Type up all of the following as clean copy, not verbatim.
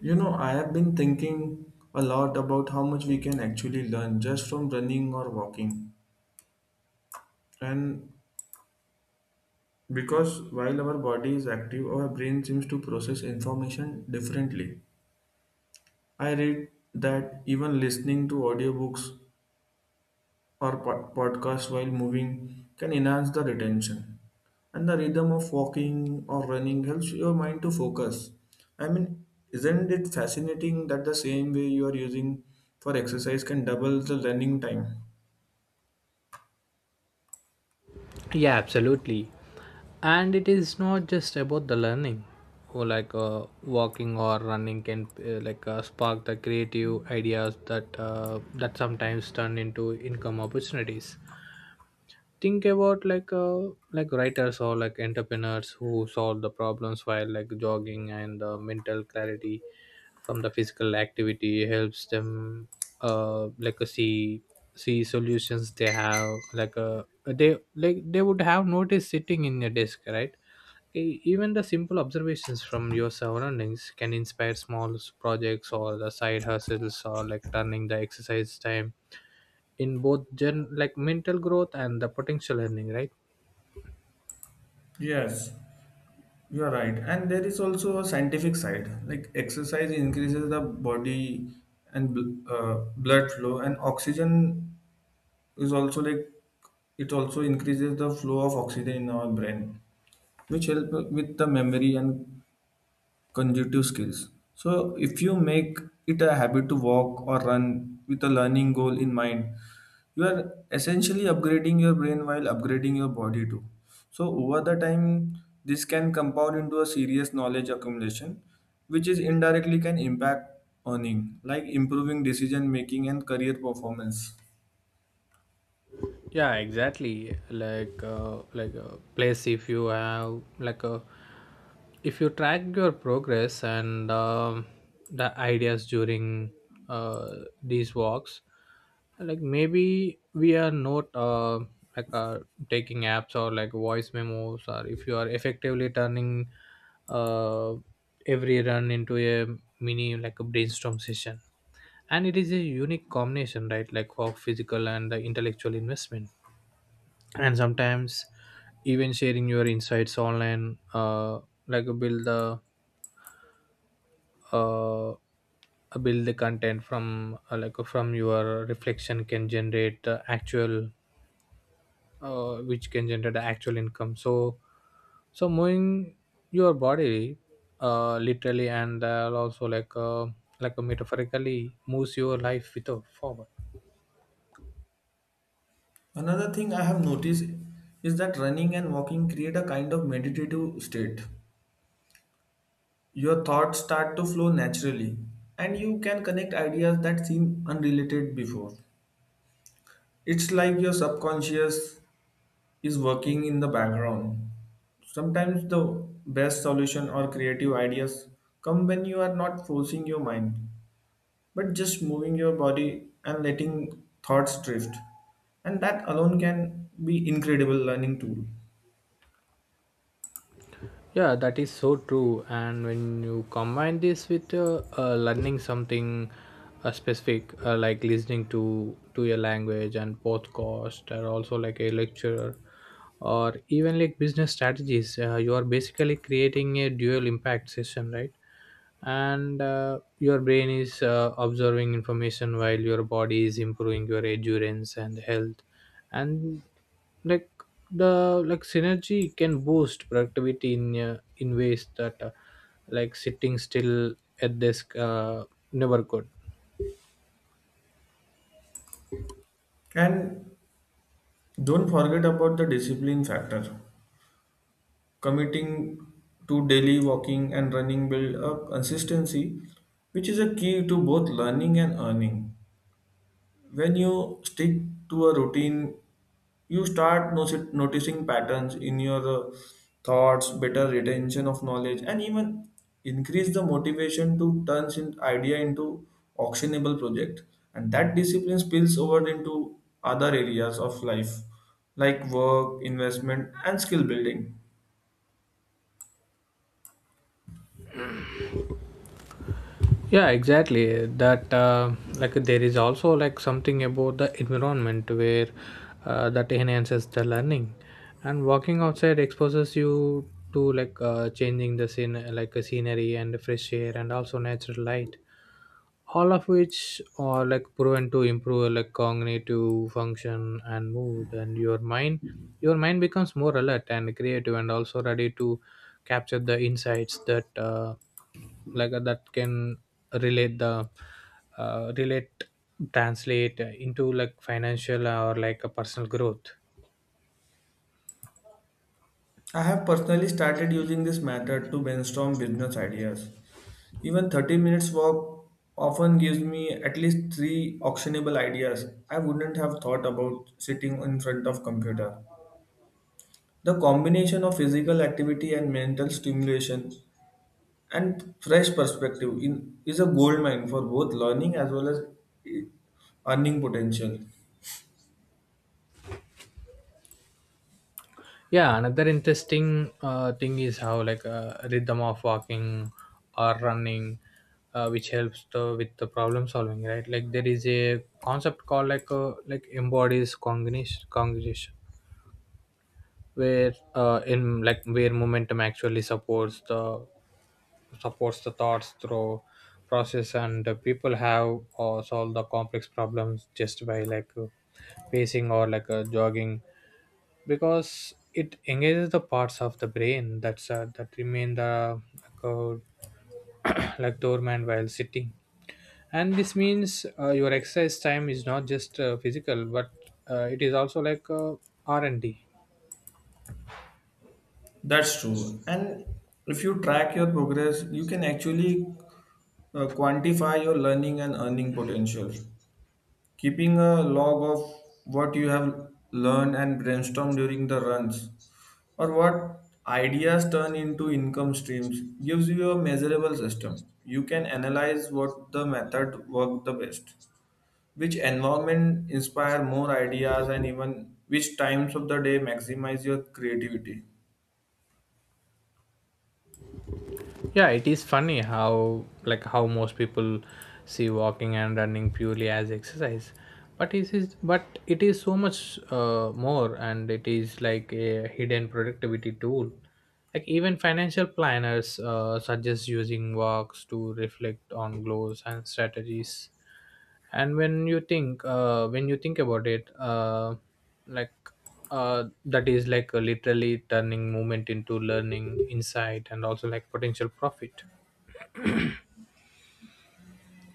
You know, I have been thinking a lot about how much we can actually learn just from running or walking. And because while our body is active, our brain seems to process information differently. I read that even listening to audiobooks or podcast while moving can enhance the retention. And the rhythm of walking or running helps your mind to focus. I mean, isn't it fascinating that the same way you are using for exercise can double the learning time? Yeah, absolutely. And it is not just about the learning, or like walking or running can spark the creative ideas that sometimes turn into income opportunities. Think about like writers or like entrepreneurs who solve the problems while like jogging, and mental clarity from the physical activity helps them, see see solutions they have they they would have noticed sitting in a desk, right? Even the simple observations from your surroundings can inspire small projects or the side hustles, or like turning the exercise time in both gen like mental growth and the potential learning, right? Yes, you are right. And there is also a scientific side. Like exercise increases the body and blood flow, and oxygen is also like it also increases the flow of oxygen in our brain, which help with the memory and cognitive skills. So if you make it a habit to walk or run with a learning goal in mind, you are essentially upgrading your brain while upgrading your body too. So over the time, this can compound into a serious knowledge accumulation, which is indirectly can impact earning, like improving decision making and career performance. Yeah, exactly. Like like a place, if you have like a, if you track your progress, and the ideas during uh, these walks, like maybe we are not like uh, taking apps or like voice memos, or if you are effectively turning uh, every run into a mini like a brainstorm session. And it is a unique combination, right? Like of physical and the intellectual investment. And sometimes even sharing your insights online, like uh, uh, build the content from like from your reflection can generate actual which can generate the actual income. So moving your body, literally, and also metaphorically moves your life with a forward. Another thing I have noticed is that running and walking create a kind of meditative state. Your thoughts start to flow naturally, and you can connect ideas that seem unrelated before. It's like your subconscious is working in the background. Sometimes the best solution or creative ideas come when you are not forcing your mind, but just moving your body and letting thoughts drift. And that alone can be incredible learning tool. Yeah, that is so true. And when you combine this with learning something specific, like listening to your language and podcast, or also like a lecturer, or even like business strategies, you are basically creating a dual impact session, right? And your brain is observing information while your body is improving your endurance and health. And like the like synergy can boost productivity in ways that like sitting still at desk never could. And don't forget about the discipline factor. Committing to daily walking and running build up consistency, which is a key to both learning and earning. When you stick to a routine, you start noticing patterns in your thoughts, better retention of knowledge, and even increase the motivation to turn an idea into actionable project. And that discipline spills over into other areas of life, like work, investment, and skill building. Yeah, exactly. that like there is also like something about the environment where that enhances the learning. And walking outside exposes you to changing the scene, like a scenery, and fresh air, and also natural light, all of which are like proven to improve like cognitive function and mood. And your mind, your mind becomes more alert and creative, and also ready to capture the insights that that can relate the relate translate into like financial or like a personal growth. I have personally started using this method to brainstorm business ideas. Even 30 minutes walk often gives me at least 3 actionable ideas I wouldn't have thought about sitting in front of computer. The combination of physical activity and mental stimulation and fresh perspective in, is a goldmine for both learning as well as eh, earning potential. Yeah, another interesting thing is how rhythm of walking or running, which helps the, with the problem solving, right? Like there is a concept called like embodies cognition cognition where in like where momentum actually supports the thoughts through process. And people have solved the complex problems just by pacing or jogging, because it engages the parts of the brain that's that remain the like, like dormant while sitting. And this means your exercise time is not just physical, but it is also R&D. That's true. And if you track your progress, you can actually quantify your learning and earning potential. Keeping a log of what you have learned and brainstorm during the runs, or what ideas turn into income streams, gives you a measurable system. You can analyze what the method worked the best, which environment inspire more ideas, and even which times of the day maximize your creativity. Yeah, it is funny how how most people see walking and running purely as exercise, but it is so much more. And it is like a hidden productivity tool. Like even financial planners suggest using walks to reflect on goals and strategies. And when you think about it, like that is like a literally turning movement into learning insight, and also like potential profit.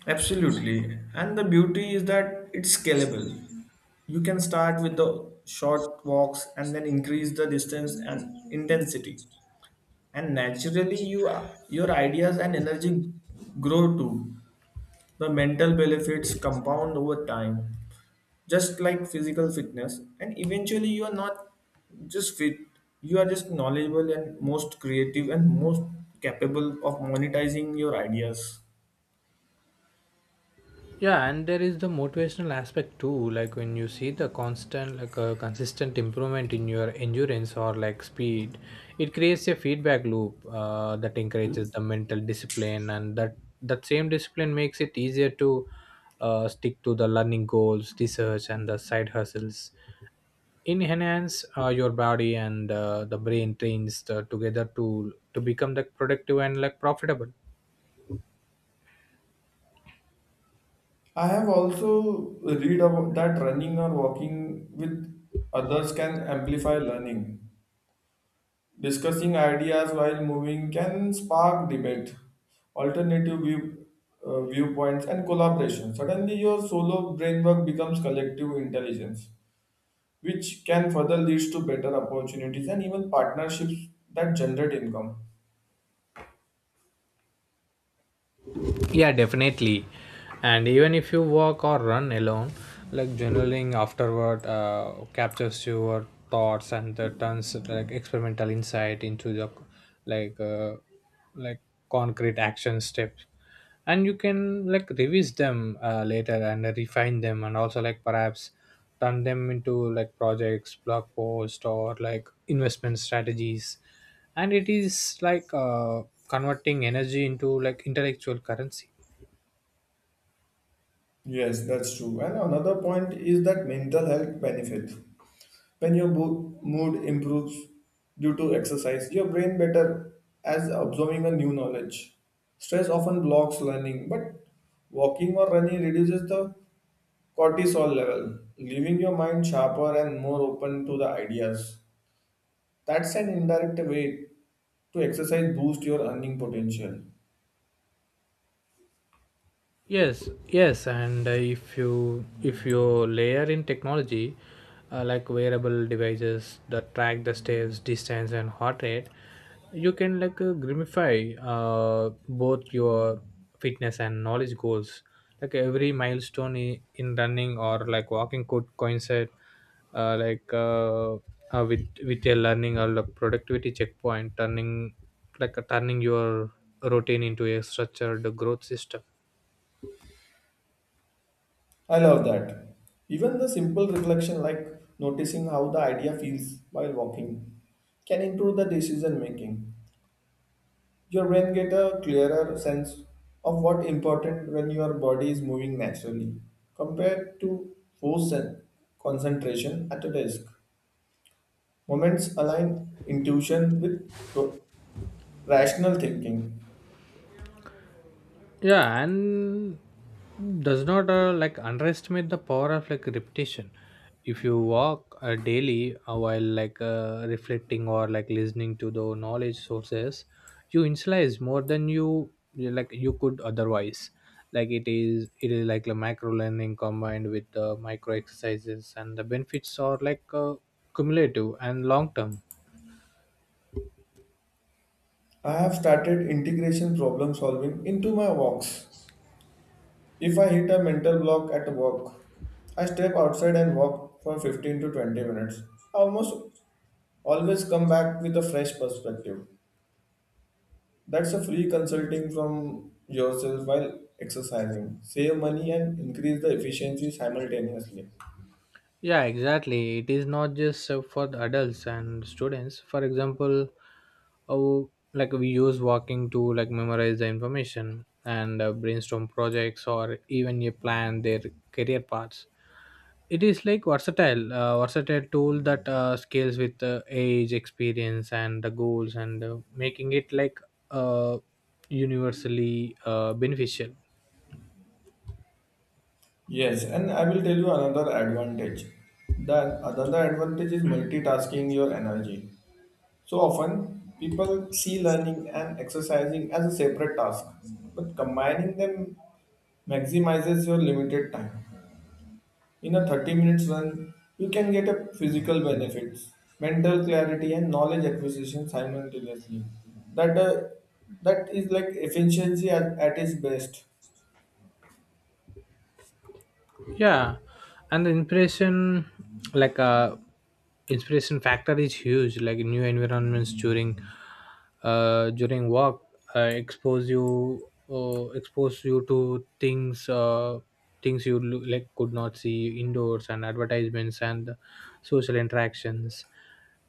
Absolutely. And the beauty is that it's scalable. You can start with the short walks and then increase the distance and intensity. And naturally you your ideas and energy grow too. The mental benefits compound over time, just like physical fitness. And eventually you are not just fit, you are just knowledgeable and most creative and most capable of monetizing your ideas. Yeah, and there is the motivational aspect too. Like when you see the constant, like a consistent improvement in your endurance or like speed, it creates a feedback loop that encourages the mental discipline. And that same discipline makes it easier to stick to the learning goals, research, and the side hustles, in enhance your body and the brain trains the, together to become the productive and like profitable. I have also read about that running or walking with others can amplify learning. Discussing ideas while moving can spark debate, alternative viewpoints, and collaboration. Suddenly, your solo brainwork becomes collective intelligence, which can further leads to better opportunities and even partnerships that generate income. Yeah, definitely. And even if you walk or run alone, like journaling afterward captures your thoughts and the turns like experimental insight into the like uh, like concrete action steps. And you can like revise them later and refine them, and also like perhaps turn them into like projects, blog posts, or like investment strategies. And it is converting energy into like intellectual currency. Yes, that's true. And another point is that mental health benefit. When your mood improves due to exercise, your brain better as absorbing a new knowledge. Stress often blocks learning, but walking or running reduces the cortisol level, leaving your mind sharper and more open to the ideas. That's an indirect way to exercise boost your earning potential. Yes, yes. And if you layer in technology, like wearable devices that track the steps, distance, and heart rate, you can grimify both your fitness and knowledge goals. Like every milestone in running or like walking could coincide, uh, like uh, with a learning or like productivity checkpoint, turning turning your routine into a structured growth system. I love that. Even the simple reflection like noticing how the idea feels while walking can improve the decision making. Your brain get a clearer sense of what important when your body is moving naturally compared to force and concentration at a desk moments align intuition with ro- rational thinking. Yeah, and does not like underestimate the power of like repetition. If you walk daily, while like reflecting or like listening to the knowledge sources, you internalize more than like you could otherwise. It is like the macro learning combined with the micro exercises, and the benefits are cumulative and long term. I have started integration problem solving into my walks. If I hit a mental block at work, I step outside and walk for 15 to 20 minutes. I almost always come back with a fresh perspective. That's a free consulting from yourself while exercising. Save money and increase the efficiency simultaneously. Yeah, exactly. It is not just for the adults and students. For example, oh, like we use walking to like memorize the information, and brainstorm projects, or even you plan their career paths. It is like versatile, versatile tool that scales with age, experience, and the goals, and making it uh, universally beneficial. Yes, and I will tell you another advantage. The another advantage is multitasking your energy. So often people see learning and exercising as a separate task, but combining them maximizes your limited time. In a 30 minutes run, you can get a physical benefits, mental clarity and knowledge acquisition simultaneously. That uh, that is like efficiency at its best. Yeah, and the inspiration, like uh inspiration factor is huge. Like new environments during during work expose you, expose you to things, things you could not see indoors, and advertisements, and social interactions,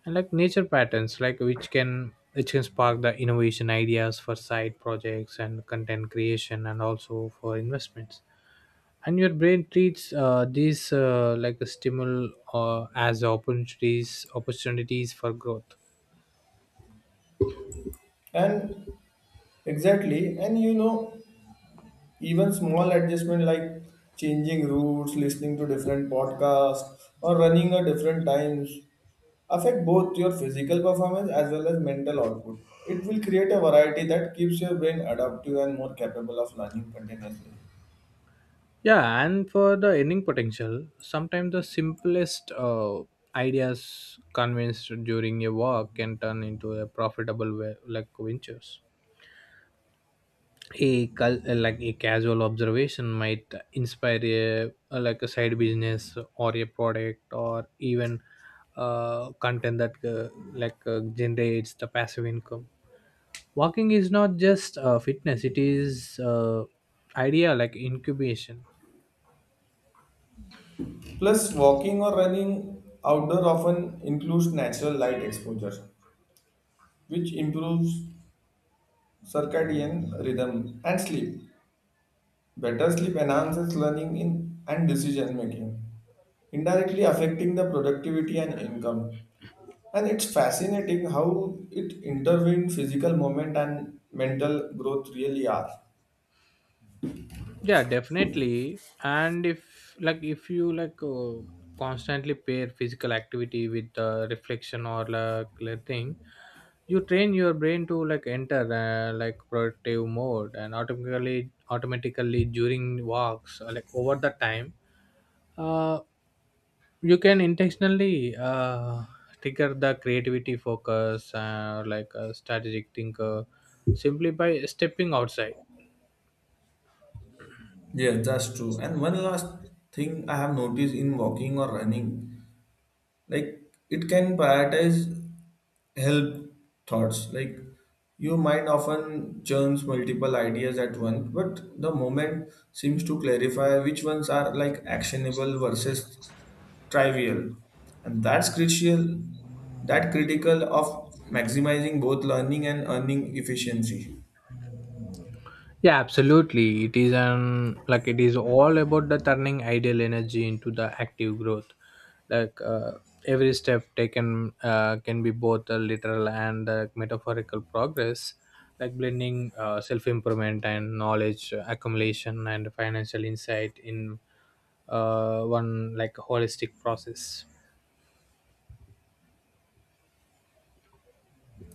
and like nature patterns, which can spark the innovation ideas for side projects, and content creation, and also for investments. And your brain treats these, like a stimulus, as opportunities for growth. And exactly, and you know, even small adjustment like changing routes, listening to different podcasts, or running at different times affect both your physical performance as well as mental output. It will create a variety that keeps your brain adaptive and more capable of learning continuously. Yeah, and for the earning potential, sometimes the simplest ideas convinced during a walk can turn into a profitable way, like ventures. A like a casual observation might inspire a like a side business, or a product, or even content that generates the passive income. Walking is not just fitness, it is idea like incubation. Plus, walking or running outdoor often includes natural light exposure, which improves circadian rhythm and sleep. Better sleep enhances learning in and decision making, indirectly affecting the productivity and income. And it's fascinating how it intervened physical movement and mental growth really are. Yeah, definitely. And if you constantly pair physical activity with reflection or like thing, you train your brain to like enter like productive mode, and automatically during walks or, like over the time, uh, you can intentionally trigger the creativity focus, like a strategic thinker, simply by stepping outside. Yes, that's true. And one last thing I have noticed in walking or running, like it can prioritize help thoughts. Like your mind often churns multiple ideas at once, but the moment seems to clarify which ones are like actionable versus trivial, and that's crucial, that critical of maximizing both learning and earning efficiency. Yeah, absolutely. It is an like it is all about the turning ideal energy into the active growth. like uh, every step taken can be both a literal and a metaphorical progress, like blending self improvement, and knowledge accumulation, and financial insight in one like holistic process.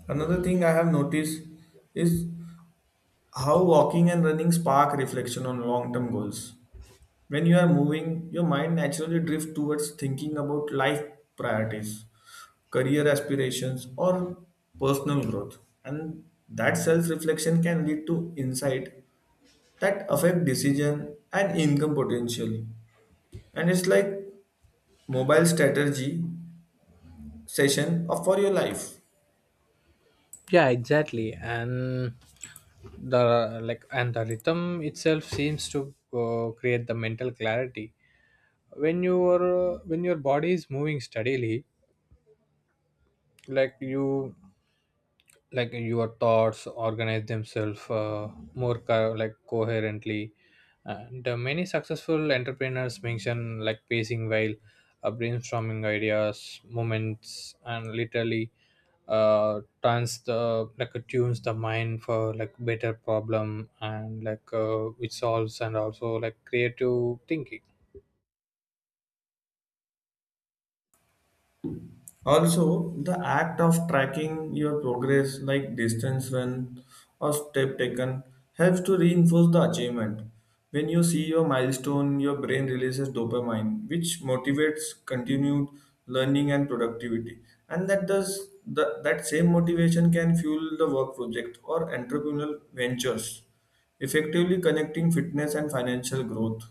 Another thing I have noticed is how walking and running spark reflection on long term goals. When you are moving, your mind naturally drifts towards thinking about life priorities, career aspirations, or personal growth. And that self reflection can lead to insight that affect decision and income potential. And it's like mobile strategy session of- for your life. Yeah, exactly. And the like and the rhythm itself seems to create the mental clarity. When your body is moving steadily, like you like your thoughts organize themselves, more like coherently. And many successful entrepreneurs mention like pacing while brainstorming ideas moments, and literally turns the tunes the mind for like better problem and which solves, and also like creative thinking. Also, the act of tracking your progress, like distance run or step taken, helps to reinforce the achievement. When you see your milestone, your brain releases dopamine, which motivates continued learning and productivity. And that does the, that same motivation can fuel the work project or entrepreneurial ventures, effectively connecting fitness and financial growth.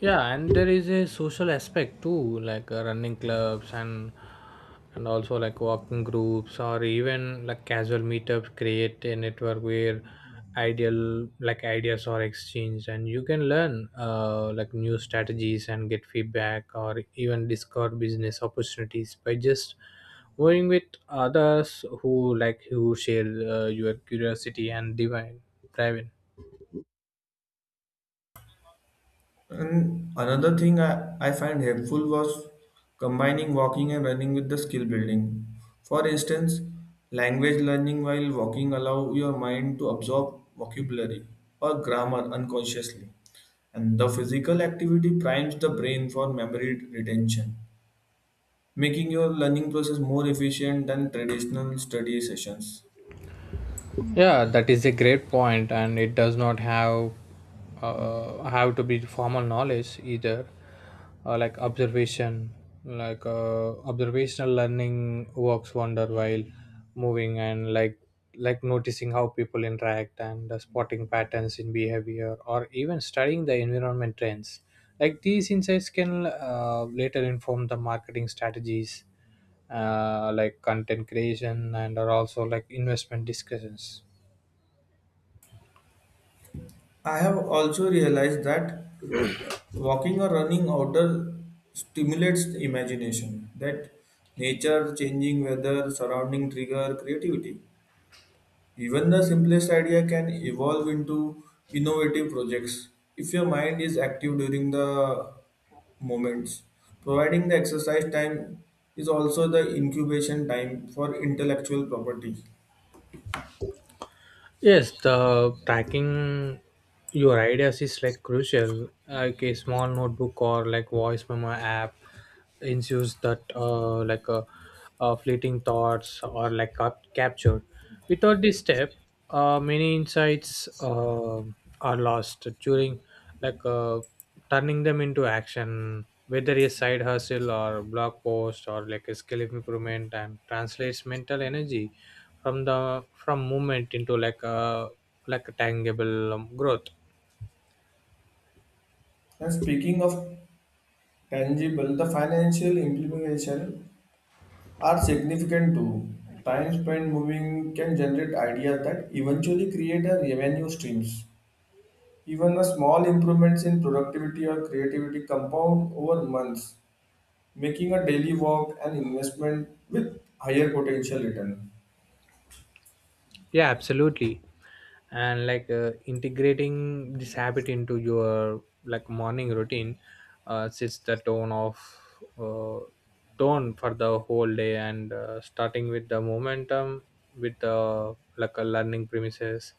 Yeah, and there is a social aspect too. Running clubs, and also like walking groups, or even like casual meetups create a network where ideal like ideas are exchanged. And you can learn like new strategies and get feedback, or even discover business opportunities by just going with others who share your curiosity and divine driving. And another thing I find helpful was combining walking and running with the skill building. For instance, language learning while walking allow your mind to absorb vocabulary or grammar unconsciously. And the physical activity primes the brain for memory retention, making your learning process more efficient than traditional study sessions. Yeah, that is a great point, and it does not have to be formal knowledge either, like observation, observational learning works wonder while moving, and noticing how people interact, and spotting patterns in behavior, or even studying the environment trends. Like these insights can later inform the marketing strategies, like content creation, and are also like investment discussions. I have also realized that uh, walking or running outdoor stimulates the imagination, that nature, changing weather, surrounding trigger creativity. Even the simplest idea can evolve into innovative projects if your mind is active during the moments. Providing the exercise time is also the incubation time for intellectual property. Yes, the tracking your ideas is like crucial. Like a small notebook or like voice memo app ensures that fleeting thoughts or like captured. Without this step, many insights are lost during like uh, turning them into action. Whether a side hustle or blog post or like a skill improvement and translates mental energy from the from movement into like a tangible growth. And speaking of tangible, the financial implication are significant too. Time spent moving can generate ideas that eventually create a revenue streams. Even a small improvements in productivity or creativity compound over months, making a daily walk an investment with higher potential return. Yeah, absolutely, and integrating this habit into your like morning routine sets the uh, tone for the whole day, and starting with the momentum with the like a learning premises.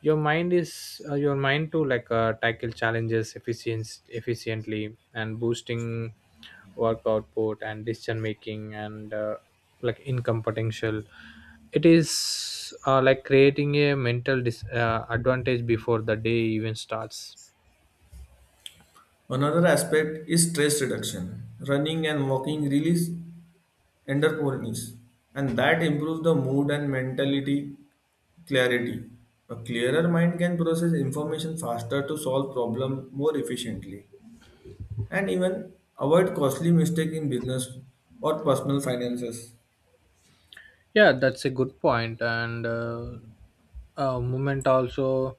Your mind is your mind to tackle challenges efficiency efficiently and boosting work output and decision making and like income potential. It is like creating a mental advantage before the day even starts. Another aspect is stress reduction. Running and walking release entrepreneurs, and that improves the mood and mentality clarity. A clearer mind can process information faster to solve problem more efficiently and even avoid costly mistake in business or personal finances. Yeah, that's a good point, and movement also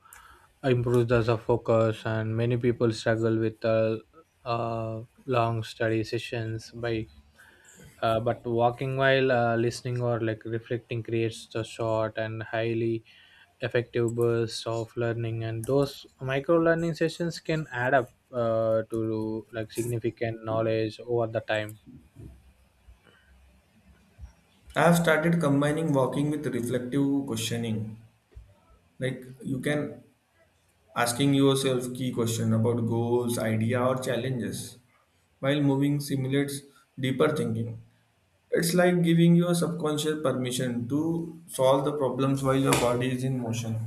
improves the focus. And many people struggle with long study sessions, but walking while listening or like reflecting creates the short and highly effective bursts of learning. And those micro learning sessions can add up to like significant knowledge over the time. I have started combining walking with reflective questioning. Like you can asking yourself key question about goals idea or challenges while moving simulates deeper thinking. It's like giving your subconscious permission to solve the problems while your body is in motion.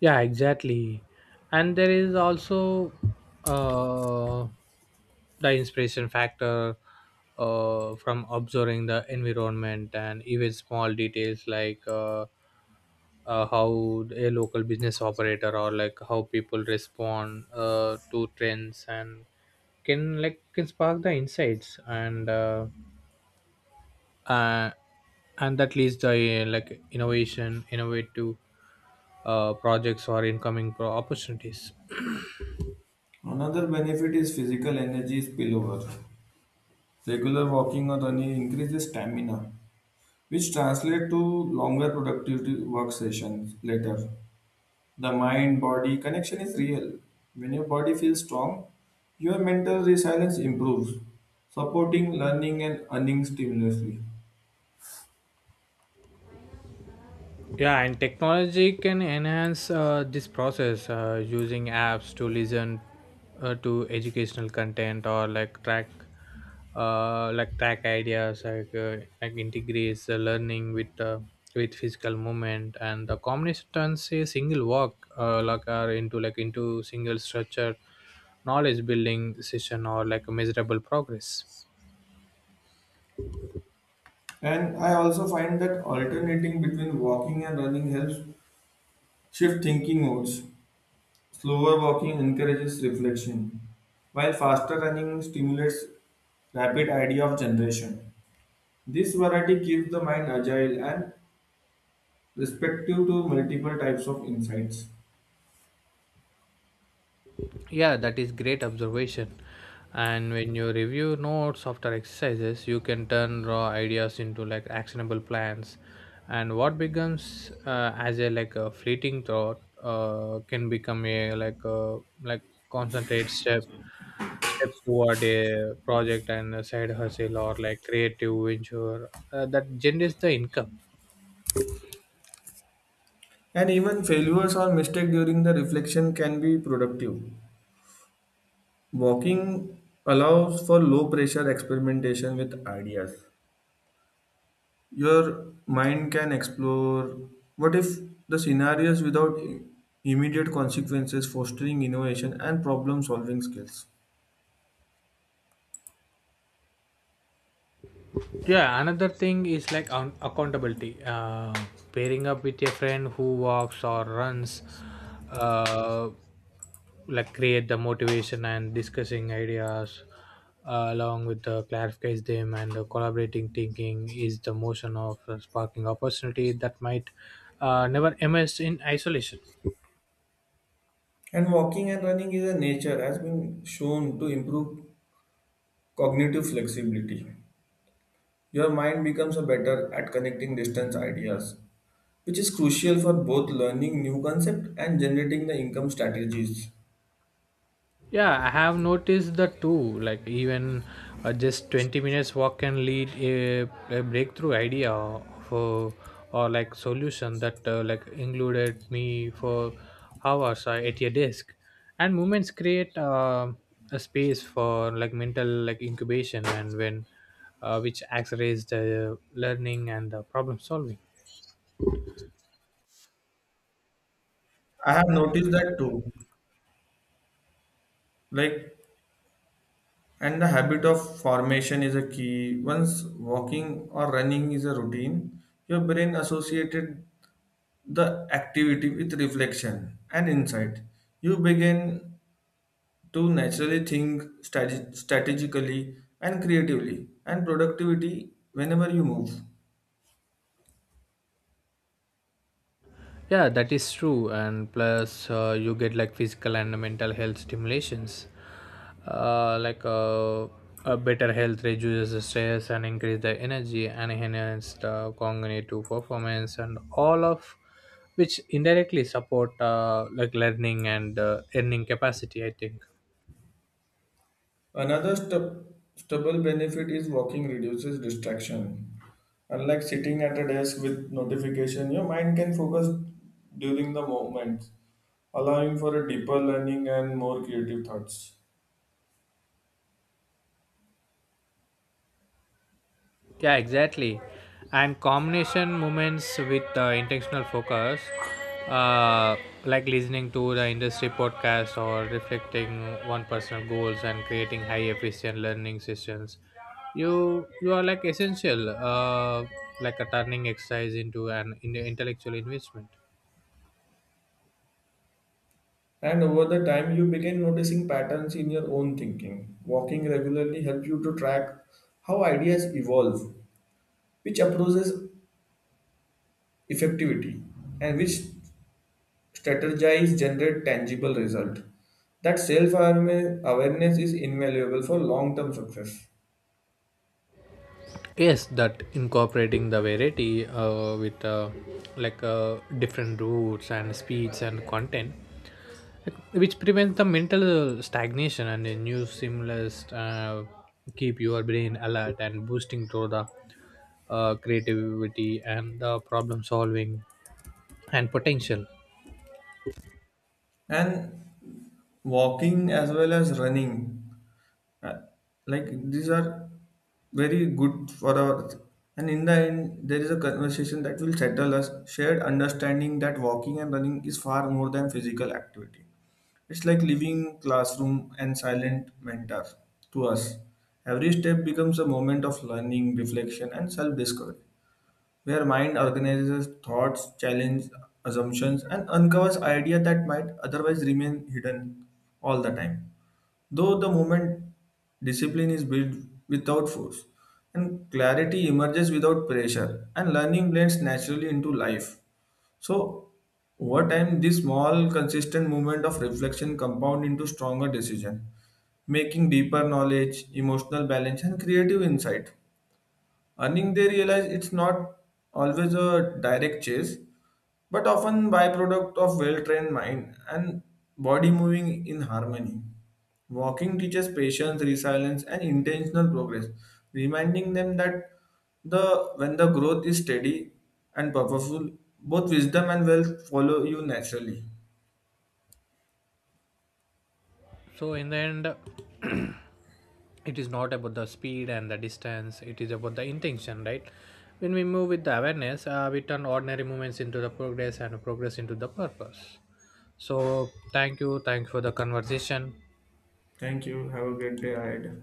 Yeah, exactly. And there is also uh, the inspiration factor from observing the environment and even small details like how a local business operator or like how people respond to trends and can like can spark the insights and. uh, and that leads to like innovation innovative projects or incoming opportunities. Another benefit is physical energy spillover. Regular walking or running increases stamina, which translates to longer productive work sessions later. The mind body connection is real. When your body feels strong, your mental resilience improves, supporting learning and earning stimulously. Yeah, and technology can enhance this process, using apps to listen to educational content or like like track ideas, like integrates the learning with physical movement, and the combination turns a single work like are into into single structure, knowledge building session or like a measurable progress. And I also find that alternating between walking and running helps shift thinking modes. Slower walking encourages reflection, while faster running stimulates rapid idea of generation. This variety keeps the mind agile and respective to multiple types of insights. Yeah, that is great observation. And when you review notes after exercises, you can turn raw ideas into like actionable plans. And what becomes as a like a fleeting thought can become a like concentrate steps toward a project and a side hustle or like creative venture that generates the income. And even failures or mistake during the reflection can be productive. Walking allows for low pressure experimentation with ideas. Your mind can explore what if the scenarios without immediate consequences, fostering innovation and problem solving skills. Yeah, another thing is like accountability, pairing up with a friend who walks or runs uh, like create the motivation, and discussing ideas along with the clarifies them, and the collaborating thinking is the motion of sparking opportunity that might never emerge in isolation. And walking and running is a nature has been shown to improve cognitive flexibility. Your mind becomes a better at connecting distance ideas, which is crucial for both learning new concepts and generating the income strategies. Yeah, I have noticed the two. Like even just 20 minutes walk can lead a breakthrough idea for or like solution that like included me for hours at your desk. And movements create a space for like mental like incubation and when which accelerates the learning and the problem solving. I have noticed that too. Like, and the habit of formation is a key. Once walking or running is a routine, your brain associated the activity with reflection and insight. You begin to naturally think strategically and creatively and productivity whenever you move. Yeah, that is true. And plus, you get like physical and mental health stimulations. Uh, like uh, a better health reduces the stress and increase the energy and enhance the cognitive performance, and all of which indirectly support like learning and earning capacity, I think. Another stubble benefit is walking reduces distraction. Unlike sitting at a desk with notification, your mind can focus during the moment, allowing for a deeper learning and more creative thoughts. Yeah, exactly. And combination moments with intentional focus, uh, like listening to the industry podcast or reflecting on personal goals and creating high efficient learning sessions. You are like essential, like a turning exercise into an intellectual investment. And over the time, you begin noticing patterns in your own thinking. Walking regularly helps you to track how ideas evolve, which approaches effectivity, and which strategize, generate tangible result. That self-awareness is invaluable for long-term success. Yes, that incorporating the variety with different routes and speeds and content. Like, which prevents the mental stagnation, and a new stimulus keep your brain alert and boosting to the creativity and the problem solving and potential. And walking as well as running, uh, like these are very good for our, and in the end there is a conversation that will settle us shared understanding that walking and running is far more than physical activity. It's like living classroom and silent mentor to us. Every step becomes a moment of learning reflection and self-discovery, where mind organizes thoughts challenges assumptions and uncovers ideas that might otherwise remain hidden all the time. Though the moment discipline is built without force, and clarity emerges without pressure, and learning blends naturally into life. So, over time, this small, consistent movement of reflection compound into stronger decision, making deeper knowledge, emotional balance, and creative insight. Earning, they realize it's not always a direct chase, but often byproduct of well-trained mind and body moving in harmony. Walking teaches patience, resilience, and intentional progress, reminding them that the when the growth is steady and purposeful, both wisdom and wealth follow you naturally. So in the end, it is not about the speed and the distance, it is about the intention, right? When we move with the awareness, we turn ordinary moments into the progress and progress into the purpose. So thank you, thanks for the conversation. Thank you. Have a great day ahead.